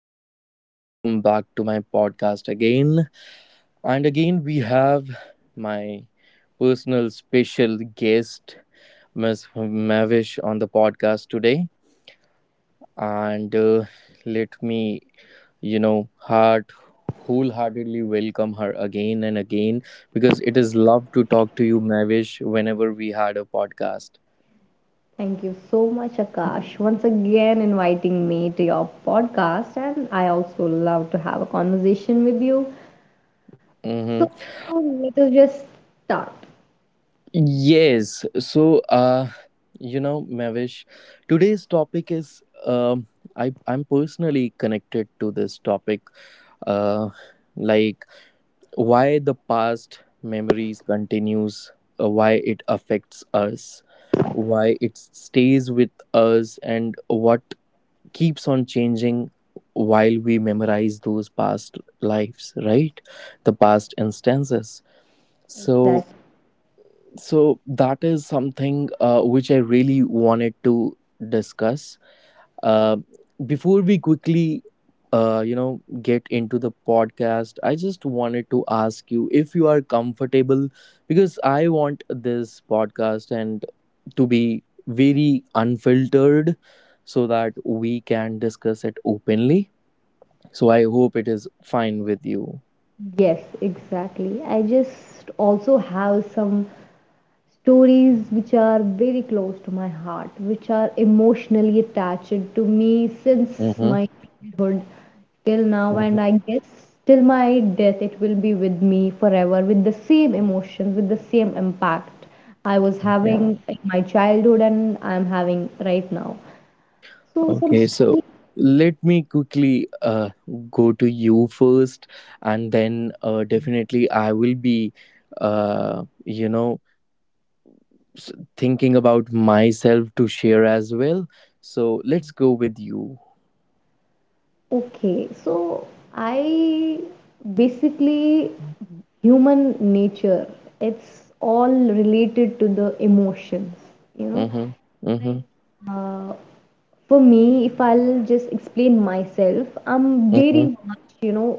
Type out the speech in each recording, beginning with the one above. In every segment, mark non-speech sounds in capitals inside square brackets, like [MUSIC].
and welcome back to my podcast again. And again, we have my personal special guest, Miss Mavish, on the podcast today. And let me, you know, heart wholeheartedly welcome her again and again because it is love to talk to you, Mavish, whenever we had a podcast. Thank you so much, Akash, once again inviting me to your podcast. And I also love to have a conversation with you. Mm-hmm. So let us just start. Yes. So, Mavish, today's topic is I'm personally connected to this topic, uh, like why the past memories continues, why it affects us, why it stays with us, and what keeps on changing while we memorize those past lives, right? The past instances. That So so that is something which I really wanted to discuss, uh, before we quickly get into the podcast. I just wanted to ask you if you are comfortable because I want this podcast and to be very unfiltered so that we can discuss it openly, so I hope it is fine with you. Yes, exactly. I just also have some stories which are very close to my heart, which are emotionally attached to me since Mm-hmm. my childhood till now, and I Hmm. guess till my death it will be with me forever with the same emotions, with the same impact I was Okay. having in my childhood and I'm having right now. So, some Okay, so stories let me quickly go to you first, and then definitely I will be, uh, you know, s- thinking about myself to share as well. So let's go with you. okay, so I basically, human nature, it's all related to the emotions, you know. Mm-hmm. Mm-hmm. Like uh, for me, if I'll just explain myself, I'm Mm-hmm. very much, you know,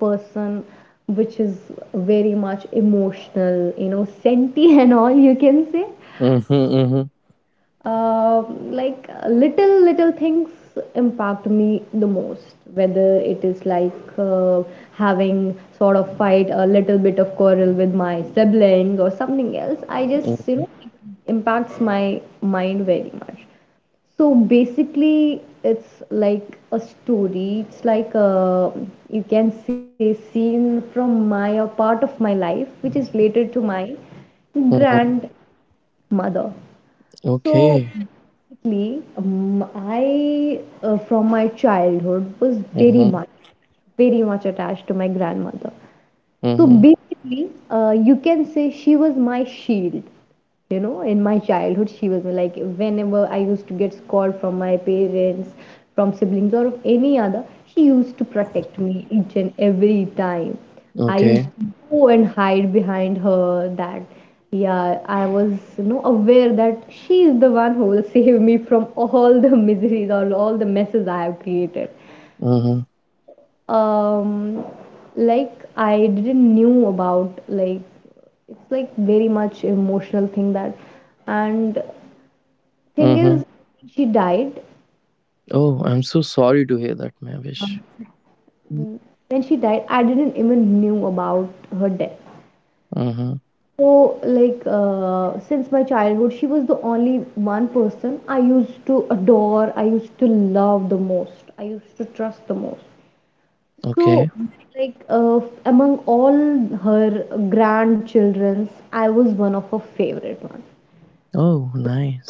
person which is very much emotional, you know, senti [LAUGHS] and all you can say. Mm-hmm. Mm-hmm. Uh, like little little things impact me the most, whether it is like uh, having sort of fight, a little bit of quarrel with my siblings or something else. I just, you Mm-hmm. know, it impacts my mind very much. So basically it's like a story, it's like a, you can say, scene from my a part of my life which is related to my grand Mm-hmm. mother. So Okay. basically, I from my childhood was Mm-hmm. Very much attached to my grandmother. So Mm-hmm. basically, you can say she was my shield. You know, in my childhood, she was like, whenever I used to get scolded from my parents, from siblings, or any other, she used to protect me each and every time. I used Okay. to go and hide behind her. That yeah, I was, you know, aware that she is the one who will [LAUGHS] save me from all the [LAUGHS] miseries or all the messes I have created. Mm-hmm. Um, like I didn't knew about, like, it's like very much emotional thing that, and thing Mm-hmm. is, she died. Oh, I'm so sorry to hear that, Mavish. When she died, I didn't even knew about her death. Mm-hmm. So, like, since my childhood, she was the only one person I used to adore, I used to love the most, I used to trust the most. Okay. So, like, among all her grandchildren, I was one of her favorite ones. Oh, nice.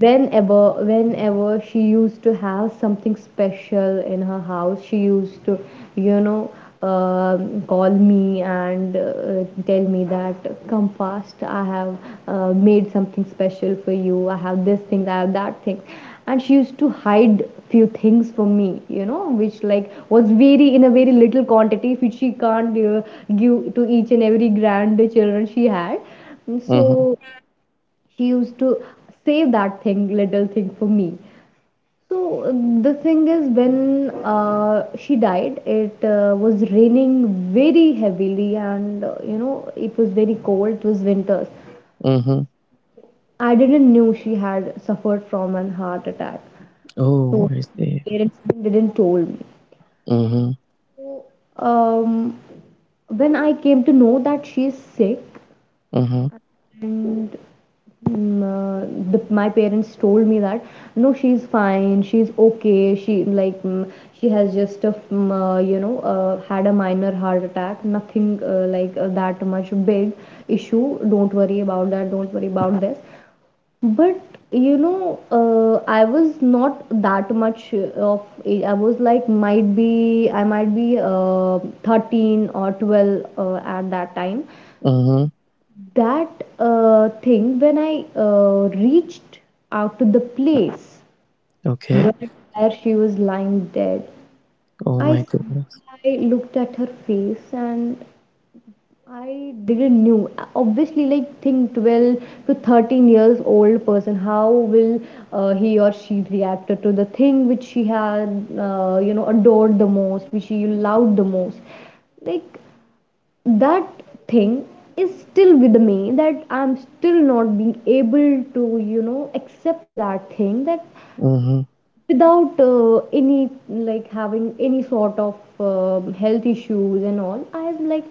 Whenever she used to have something special in her house, she used to, you know, call me and tell me that come fast, I have made something special for you, I have this thing, I have that thing. And she used to hide few things from me, you know, which like was very, in a very little quantity, which she can't give to each and every grand she had. Mm-hmm. So she used to save that thing, little thing, for me. So uh, the thing is, when she died, it was raining very heavily, and you know, it was very cold, it was winters. Mhm. I didn't knew she had suffered from an heart attack. So Oh, I my see. parents even didn't told me. Mhm. So um, when I came to know that she is sick, Mhm. and mm, uh, my parents told me that no, she's fine, she's okay, she has just a you know, had a minor heart attack, nothing like that much big issue, don't worry about that, don't worry about this. But you know, I was not that much of age, I was like, might be, I might be 13 or 12 at that time. Mhm. That thing, when I reached out to the place Okay. where, where she was lying dead, Oh I my s- goodness. I looked at her face and I didn't knew. Obviously, like, think, 12 to 13 years old person, how will he or she react to the thing which she had, you know, adored the most, which she loved the most. Like that thing is still with me, that I'm still not being able to, you know, accept that thing, that Mhm. without any, like, having any sort of health issues and all, I'm like,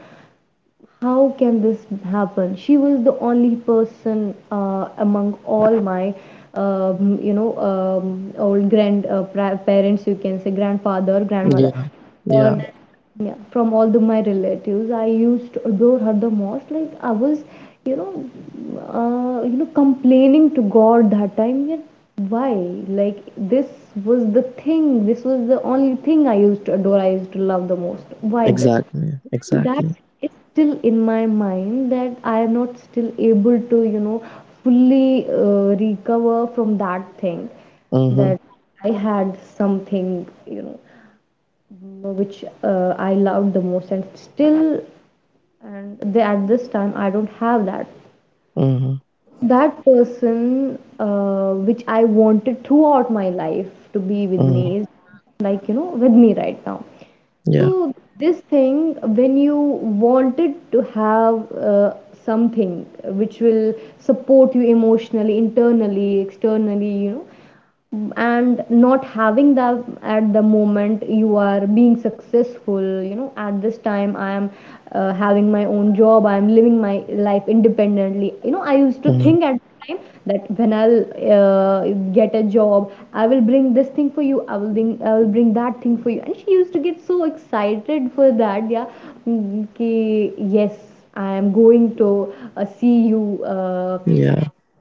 how can this happen? She was the only person among all my you know, old grand parents, you can say, grandfather, grandmother, Yeah. or Yeah. yeah, from all the my relatives, I used to adore her the most. Like I was, you know, you know, complaining to God that time. Yet why? Like, this was the thing. This was the only thing I used to adore, I used to love the most. Why this? Exactly. That Exactly. is still in my mind, that I am not still able to, you know, fully recover from that thing, Mhm. that I had something, you know, which I loved the most, and still, and the, at this time, I don't have that, Mhm. that person which I wanted throughout my life to be with Mhm. me, is like, you know, with me right now. Yeah. So this thing, when you wanted to have something which will support you emotionally, internally, externally, you know, and not having that at the moment you are being successful, you know, at this time I am having my own job, I'm living my life independently. You know, I used to Mhm. think at the time that when I'll uh, get a job, I will bring this thing for you, I will bring, I will bring that thing for you. And she used to get so excited for that. Yeah, yes, I am going to see you, uh, Yeah.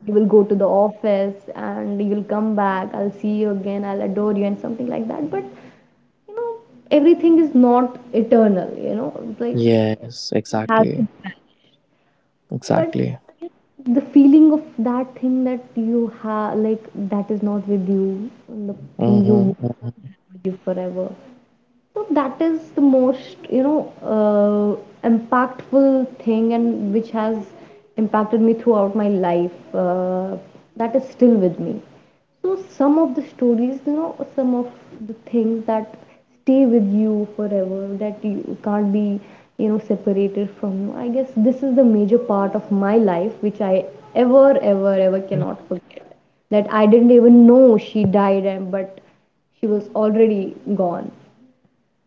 you will go to the office and you'll come back, I'll see you again, I'll adore you and something like that. But you know, everything is not eternal, you know. like Yes. Exactly. Exactly. but the feeling of that thing that you have, like, that is not with you, and the thing you Mhm. have with you forever. So that is the most, you know, impactful thing, and which has impacted me throughout my life. That is still with me. So some of the stories, you know, some of the things that stay with you forever, that you can't be, you know, separated from you. I guess this is the major part of my life which I ever, ever, ever cannot forget. That I didn't even know she died, and but she was already gone.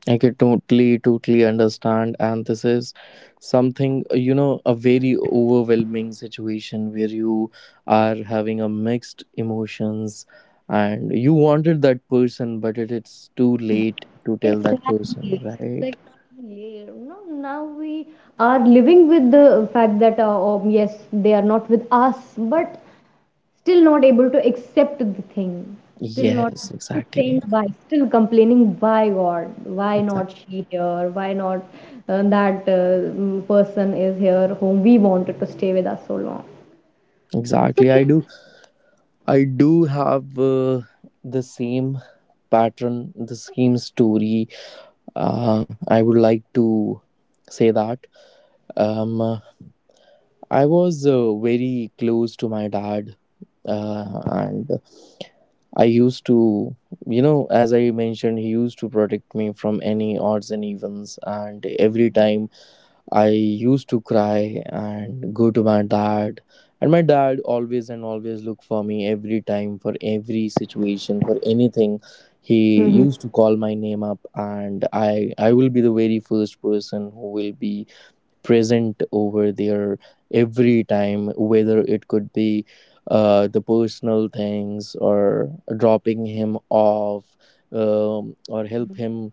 I can totally, totally understand. And this is something, a very overwhelming situation where you are having a mixed emotions and you wanted that person, but it's too late to tell that person, Exactly. right? Like, yeah, no, now we are living with the fact that, yes, they are not with us, but still not able to accept the thing. Still not, Yes, still exactly. saying why, still complaining, why God, why Exactly. not she here, why not that person is here whom we wanted to stay with us so long. So, Exactly. yeah. I do. I do have the same pattern, the same story. I would like to say that. Um, I was very close to my dad, and I used to, you know, as I mentioned, he used to protect me from any odds and evens. And every time I used to cry and go to my dad, and my dad always and always look for me every time for every situation for anything. He Mm-hmm. used to call my name up, and I will be the very first person who will be present over there every time, whether it could be the personal things, or dropping him off, or help him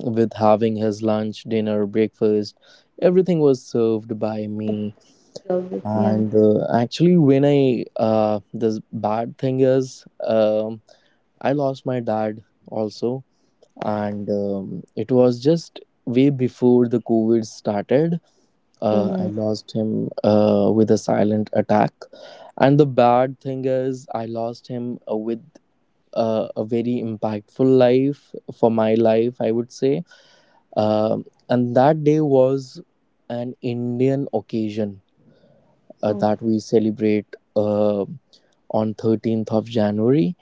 with having his lunch, dinner, breakfast. Everything was served by me. Yeah. And actually, when I this bad thing is, I lost my dad also. And it was just way before the COVID started. Oh Uh, I my. lost him with a silent attack. And the bad thing is, I lost him with a very impactful life for my life, I would say. Um, and that day was an Indian occasion Oh. that we celebrate on 13th of January.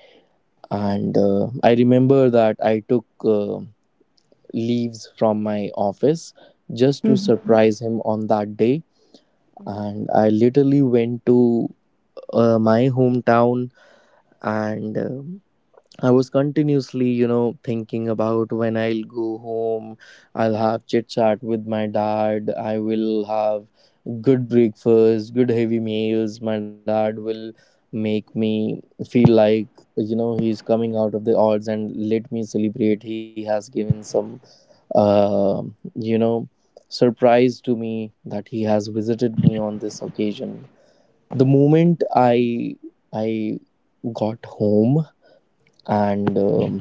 And I remember that I took leaves from my office just to Mhm. surprise him on that day, and I literally went to my hometown. And I was continuously, you know, thinking about when I'll go home, I'll have chit chat with my dad, I will have good breakfast, good heavy meals. My dad will make me feel like, you know, he's coming out of the odds and let me celebrate. He has given some, uh, you know, surprise to me that he has visited me on this occasion. The moment I got home and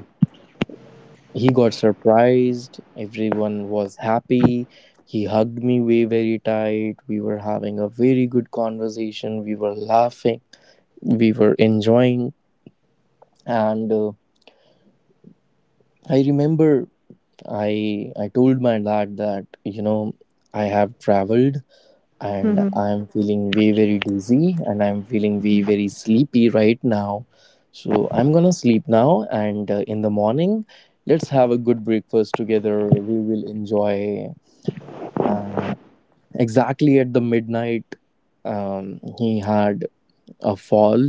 he got surprised, everyone was happy. He hugged me way very tight. We were having a very good conversation, we were laughing, we were enjoying. And I remember, i I told my dad that, you know, I have traveled and Mm-hmm. I'm feeling way very dizzy and I'm feeling way very sleepy right now. So I'm gonna sleep now, and in the morning, let's have a good breakfast together. We will enjoy. And exactly at the midnight, he had a fall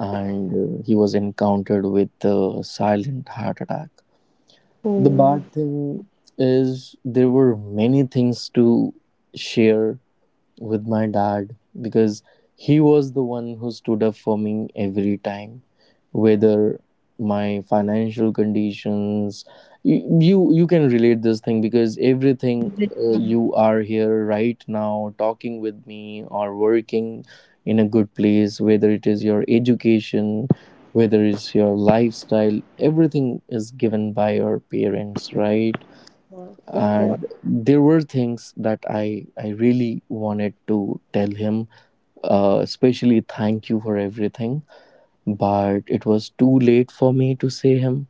and he was encountered with a silent heart attack. The Oh, of bad thing is, there were many things to share with my dad because he was the one who stood up for me every time, whether my financial conditions. You you can relate this thing because everything, you are here right now talking with me or working in a good place, whether it is your education, whether it's your lifestyle, everything is given by your parents, right? course, of course. And there were things that I really wanted to tell him, especially thank you for everything. But it was too late for me to say him,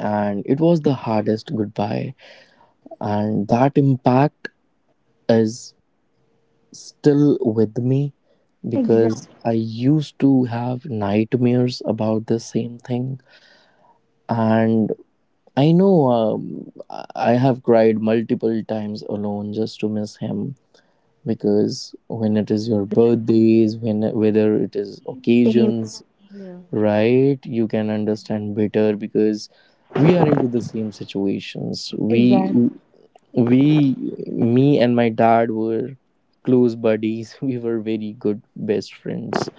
and it was the hardest goodbye. And that impact is still with me Exactly. because I used to have nightmares about the same thing. And I know, I have cried multiple times alone just to miss him, because when it is your birthdays, when whether it is occasions, Yeah, right? You can understand better because we are into the same situations. we exact. we me and my dad were close buddies. [LAUGHS] We were very good best friends.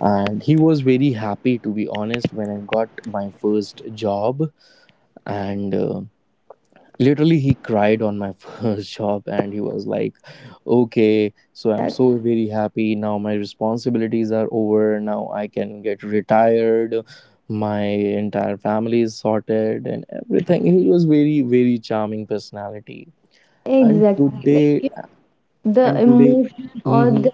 And he was very happy, to be honest, when I got my first job. And literally he cried on my [LAUGHS] first job. And he was like, okay, so I'm so very happy now, my responsibilities are over, now I can get retired, my entire family is sorted and everything. He was very, very charming personality. and Exactly. Like, today you, the and today emotion or hmm the,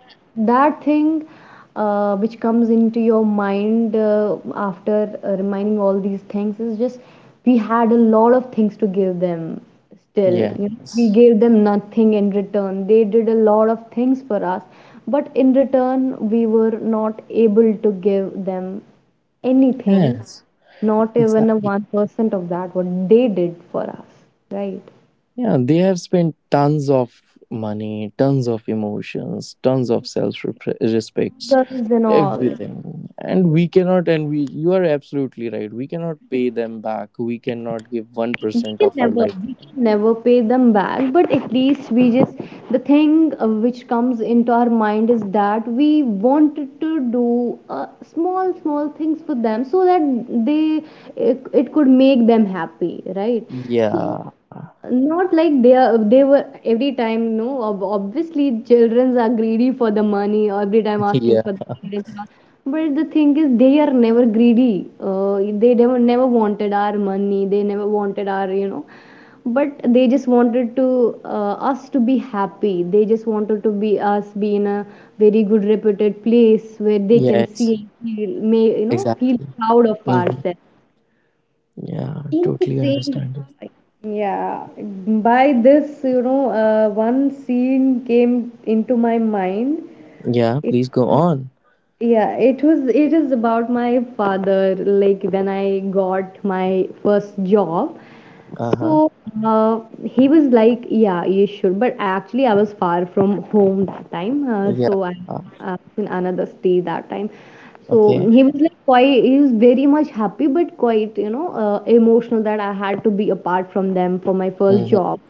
that thing which comes into your mind after reminding all these things, is just, we had a lot of things to give them, still, you know, we yes, gave them nothing in return. They did a lot of things for us, but in return we were not able to give them anything, yes, not even a exactly. 1% of that what they did for us, right? Yeah, they have spent tons of money, tons of emotions, tons of self respects, Girls and all, everything. And we cannot, and we, you are absolutely right. We cannot pay them back. We cannot give we 1% can of our never, life to we them. can never pay them back, but at least we just, the thing which comes into our mind is that we wanted to do small small things for them so that they, it could make them happy, right? So Yeah. not like they are, they were, every time, no, obviously children are greedy for the money or every time [LAUGHS] Yeah, asking for the parents and all, but the thing is, they are never greedy. They never, never wanted our money, they never wanted our, you know, but they just wanted to, us to be happy. They just wanted to be us be in a very good reputed place where they can yes, see, feel, may, you know, exactly. feel proud of Hmm. ourselves. Yeah, totally understand it. Yeah, by this, you know, one scene came into my mind. Yeah, please It, go on. yeah, it was, it is about my father. Like when I got my first job, Uh huh. so he was like, "Yeah, you should." But actually, I was far from home that time, Yeah, so uh, I was in another state that time. So okay. he was like quite, he was very much happy, but quite, you know, emotional that I had to be apart from them for my Mm first hmm. job.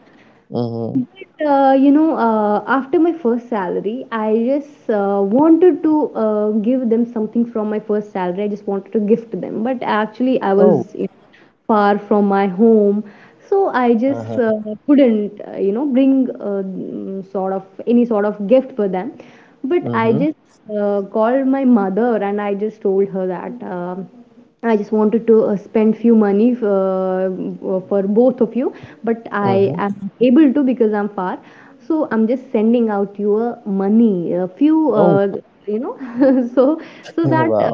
Mm hmm. But, you know, after my first salary, I just wanted to give them something from my first salary. I just wanted to gift them, but actually, I Oh, was, you know, far from my home, so I uh huh. just couldn't, you know, bring sort of any sort of gift for them. Mm But hmm. I just called my mother and I just told her that. I just wanted to spend few money for both of you, but Mm hmm. I am able to because I'm far. So I'm just sending out your money, a few, Oh. You know, [LAUGHS] so [LAUGHS] so that Wow.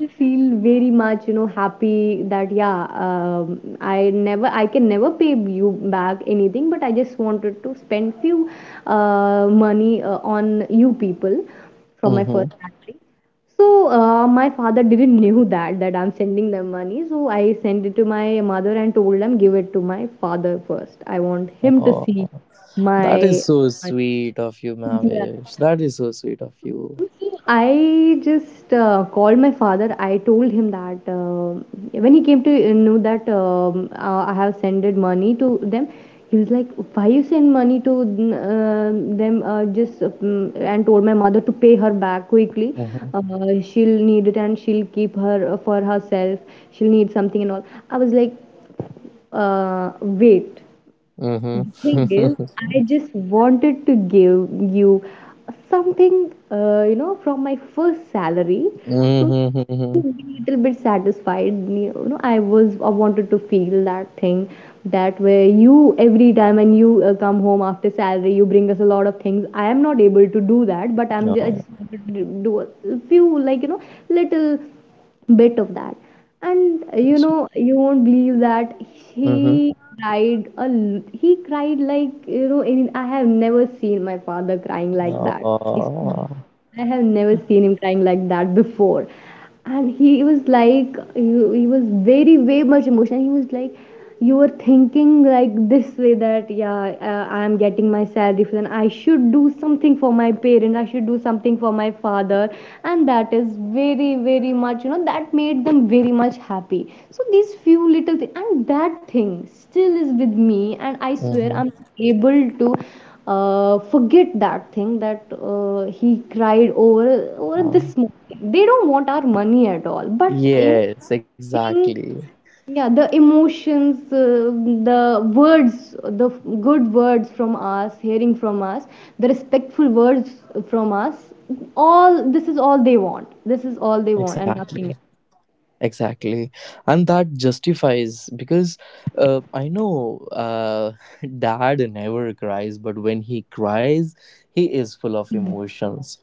I feel very much, you know, happy that yeah, I can never pay you back anything, but I just wanted to spend few money on you people from my Mm-hmm. first salary, so my father didn't knew that I'm sending them money. So I sent it to my mother and told them give it to my father first. I want him to Oh, see that is my so money. sweet of you, Yeah. Mavish. That is so sweet of you. I just called my father. I told him that when he came to know that I have sended money to them, he was like, "Why you send money to uh, them?" Just And told my mother to pay her back quickly. Mm-hmm. Uh, She'll need it and she'll keep her for herself. She'll need something and all. I was like, "Wait." The Mm-hmm. thing is, I [LAUGHS] just wanted to give you something, from my first salary. So to Mm-hmm. be a little bit satisfied, you know, I wanted to feel that thing, that where you every time when you come home after salary you bring us a lot of things. I am not able to do that, but I just Oh, wanted to do a few, like, you know, little bit of that. And you know you won't believe that mm-hmm. he he cried, like, you know, I have never seen my father crying like that. Oh, I have never seen him crying like that before. And he was like, he was very, way much emotional. He was like, you were thinking like this way that, yeah, I am getting my salary for then I should do something for my parents. I should do something for my father. And that is very, very much, you know, that made them very much happy. So these few little things, and that thing still is with me. And I swear I'm mm-hmm. able to forget that thing that he cried over this Yeah. money. They don't want our money at all. But you know, Yes, thing, exactly. yeah, the emotions, the words, the f- good words from us, hearing from us, the respectful words from us. All this is all they want. This is all they want, and Exactly. nothing else. Exactly. And that justifies because I know, [LAUGHS] dad never cries, but when he cries, he is full of emotions.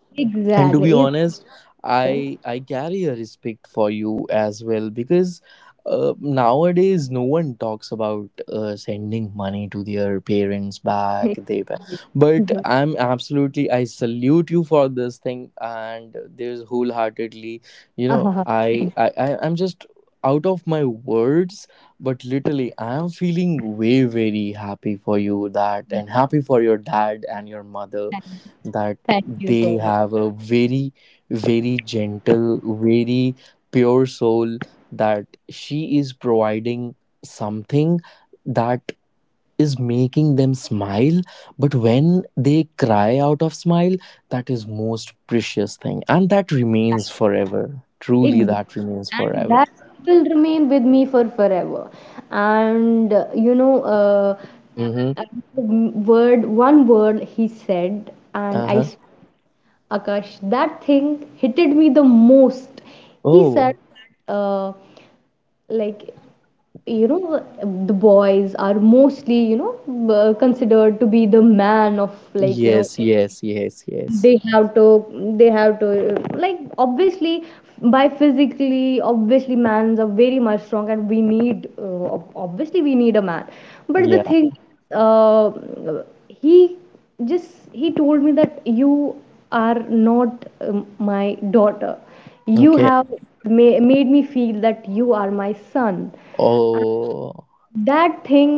And to be Exactly. honest, Exactly. I carry a respect for you as well, because nowadays no one talks about sending money to their parents back. But [LAUGHS] I'm absolutely, I salute you for this thing. And there's wholeheartedly, you know, I'm just out of my words, but literally I'm feeling way very happy for you, that, and happy for your dad and your mother, that Thank you they so much. have a very, very gentle, very pure soul, that she is providing something that is making them smile. But when they cry out of smile, that is most precious thing, and that remains forever, truly, Exactly. that remains And forever. that will remain with me for forever. And Mm-hmm. and one word he said, and Uh-huh. Akash, that thing hitted me the most. He said, Oh. that, like, you know, the boys are mostly, you know, considered to be the man of, like, you know, Yes, yes, yes, yes. They have to like, obviously by physically, obviously mans are very much strong and we need obviously we need a man. But the Yeah. thing, uh, he just, he told me that you are not my daughter, you Okay. have made me feel that you are my son. Oh. That thing,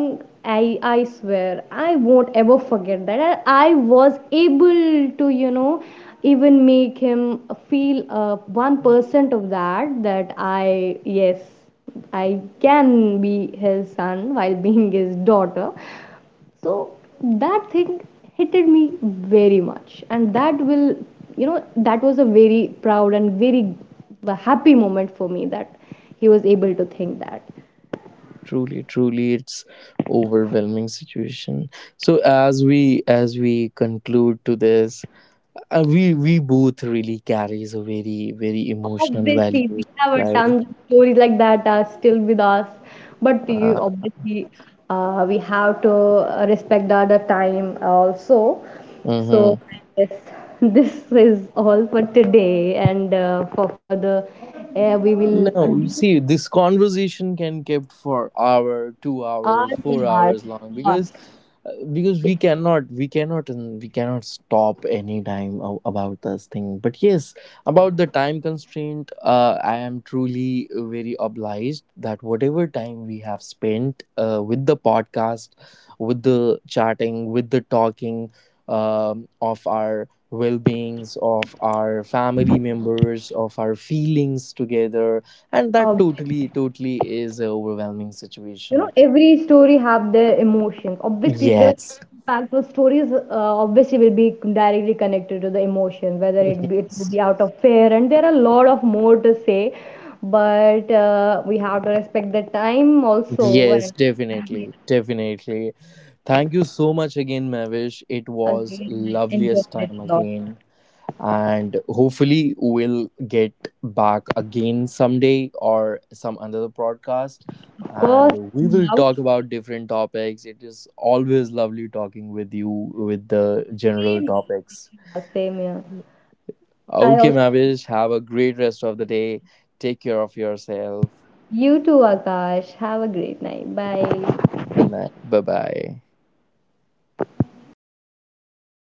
I swear I won't ever forget that. I was able to, you know, even make him feel 1% of that, that I, yes, I can be his son while being his daughter. So that thing hitted me very much, and that will, you know, that was a very proud and very happy moment for me that he was able to think that. Truly, truly, it's overwhelming situation. So as we conclude to this, we both really carries a very, very emotional Obviously, value, we have a right? tons of stories like that are still with us. But you Uh, obviously, we have to respect the other time also. So mhm. I guess [LAUGHS] this is all for today, and for further, we will No, you do see, this conversation can kept for hour, 2 hours, ours four and ours, hours long, of because, course. Because we cannot and we cannot stop any time about this thing. But yes, about the time constraint, I am truly very obliged that whatever time we have spent, with the podcast, with the chatting, with the talking, of our well-beings, of our family members, of our feelings together, and that Obviously. totally, totally is a overwhelming You know situation. every story have their emotions, obviously the Yes. impact of stories, obviously will be directly connected to the emotion, whether [LAUGHS] it will Yes. be out of fear, and there are a lot of more to say, but we have to respect the time also, Yes, and [LAUGHS] definitely. Definitely. Thank you so much again, Mavish. It was again I enjoyed loveliest it time a lot. again. And hopefully we'll get back again someday or some another broadcast. Of course. And we will talk about different topics. It is always lovely talking with you with the general topics. Yeah, same here. I Okay, also. Mavish, have a great rest of the day. Take care of yourself. You too, Akash, have a great night, bye. Good night. Bye bye.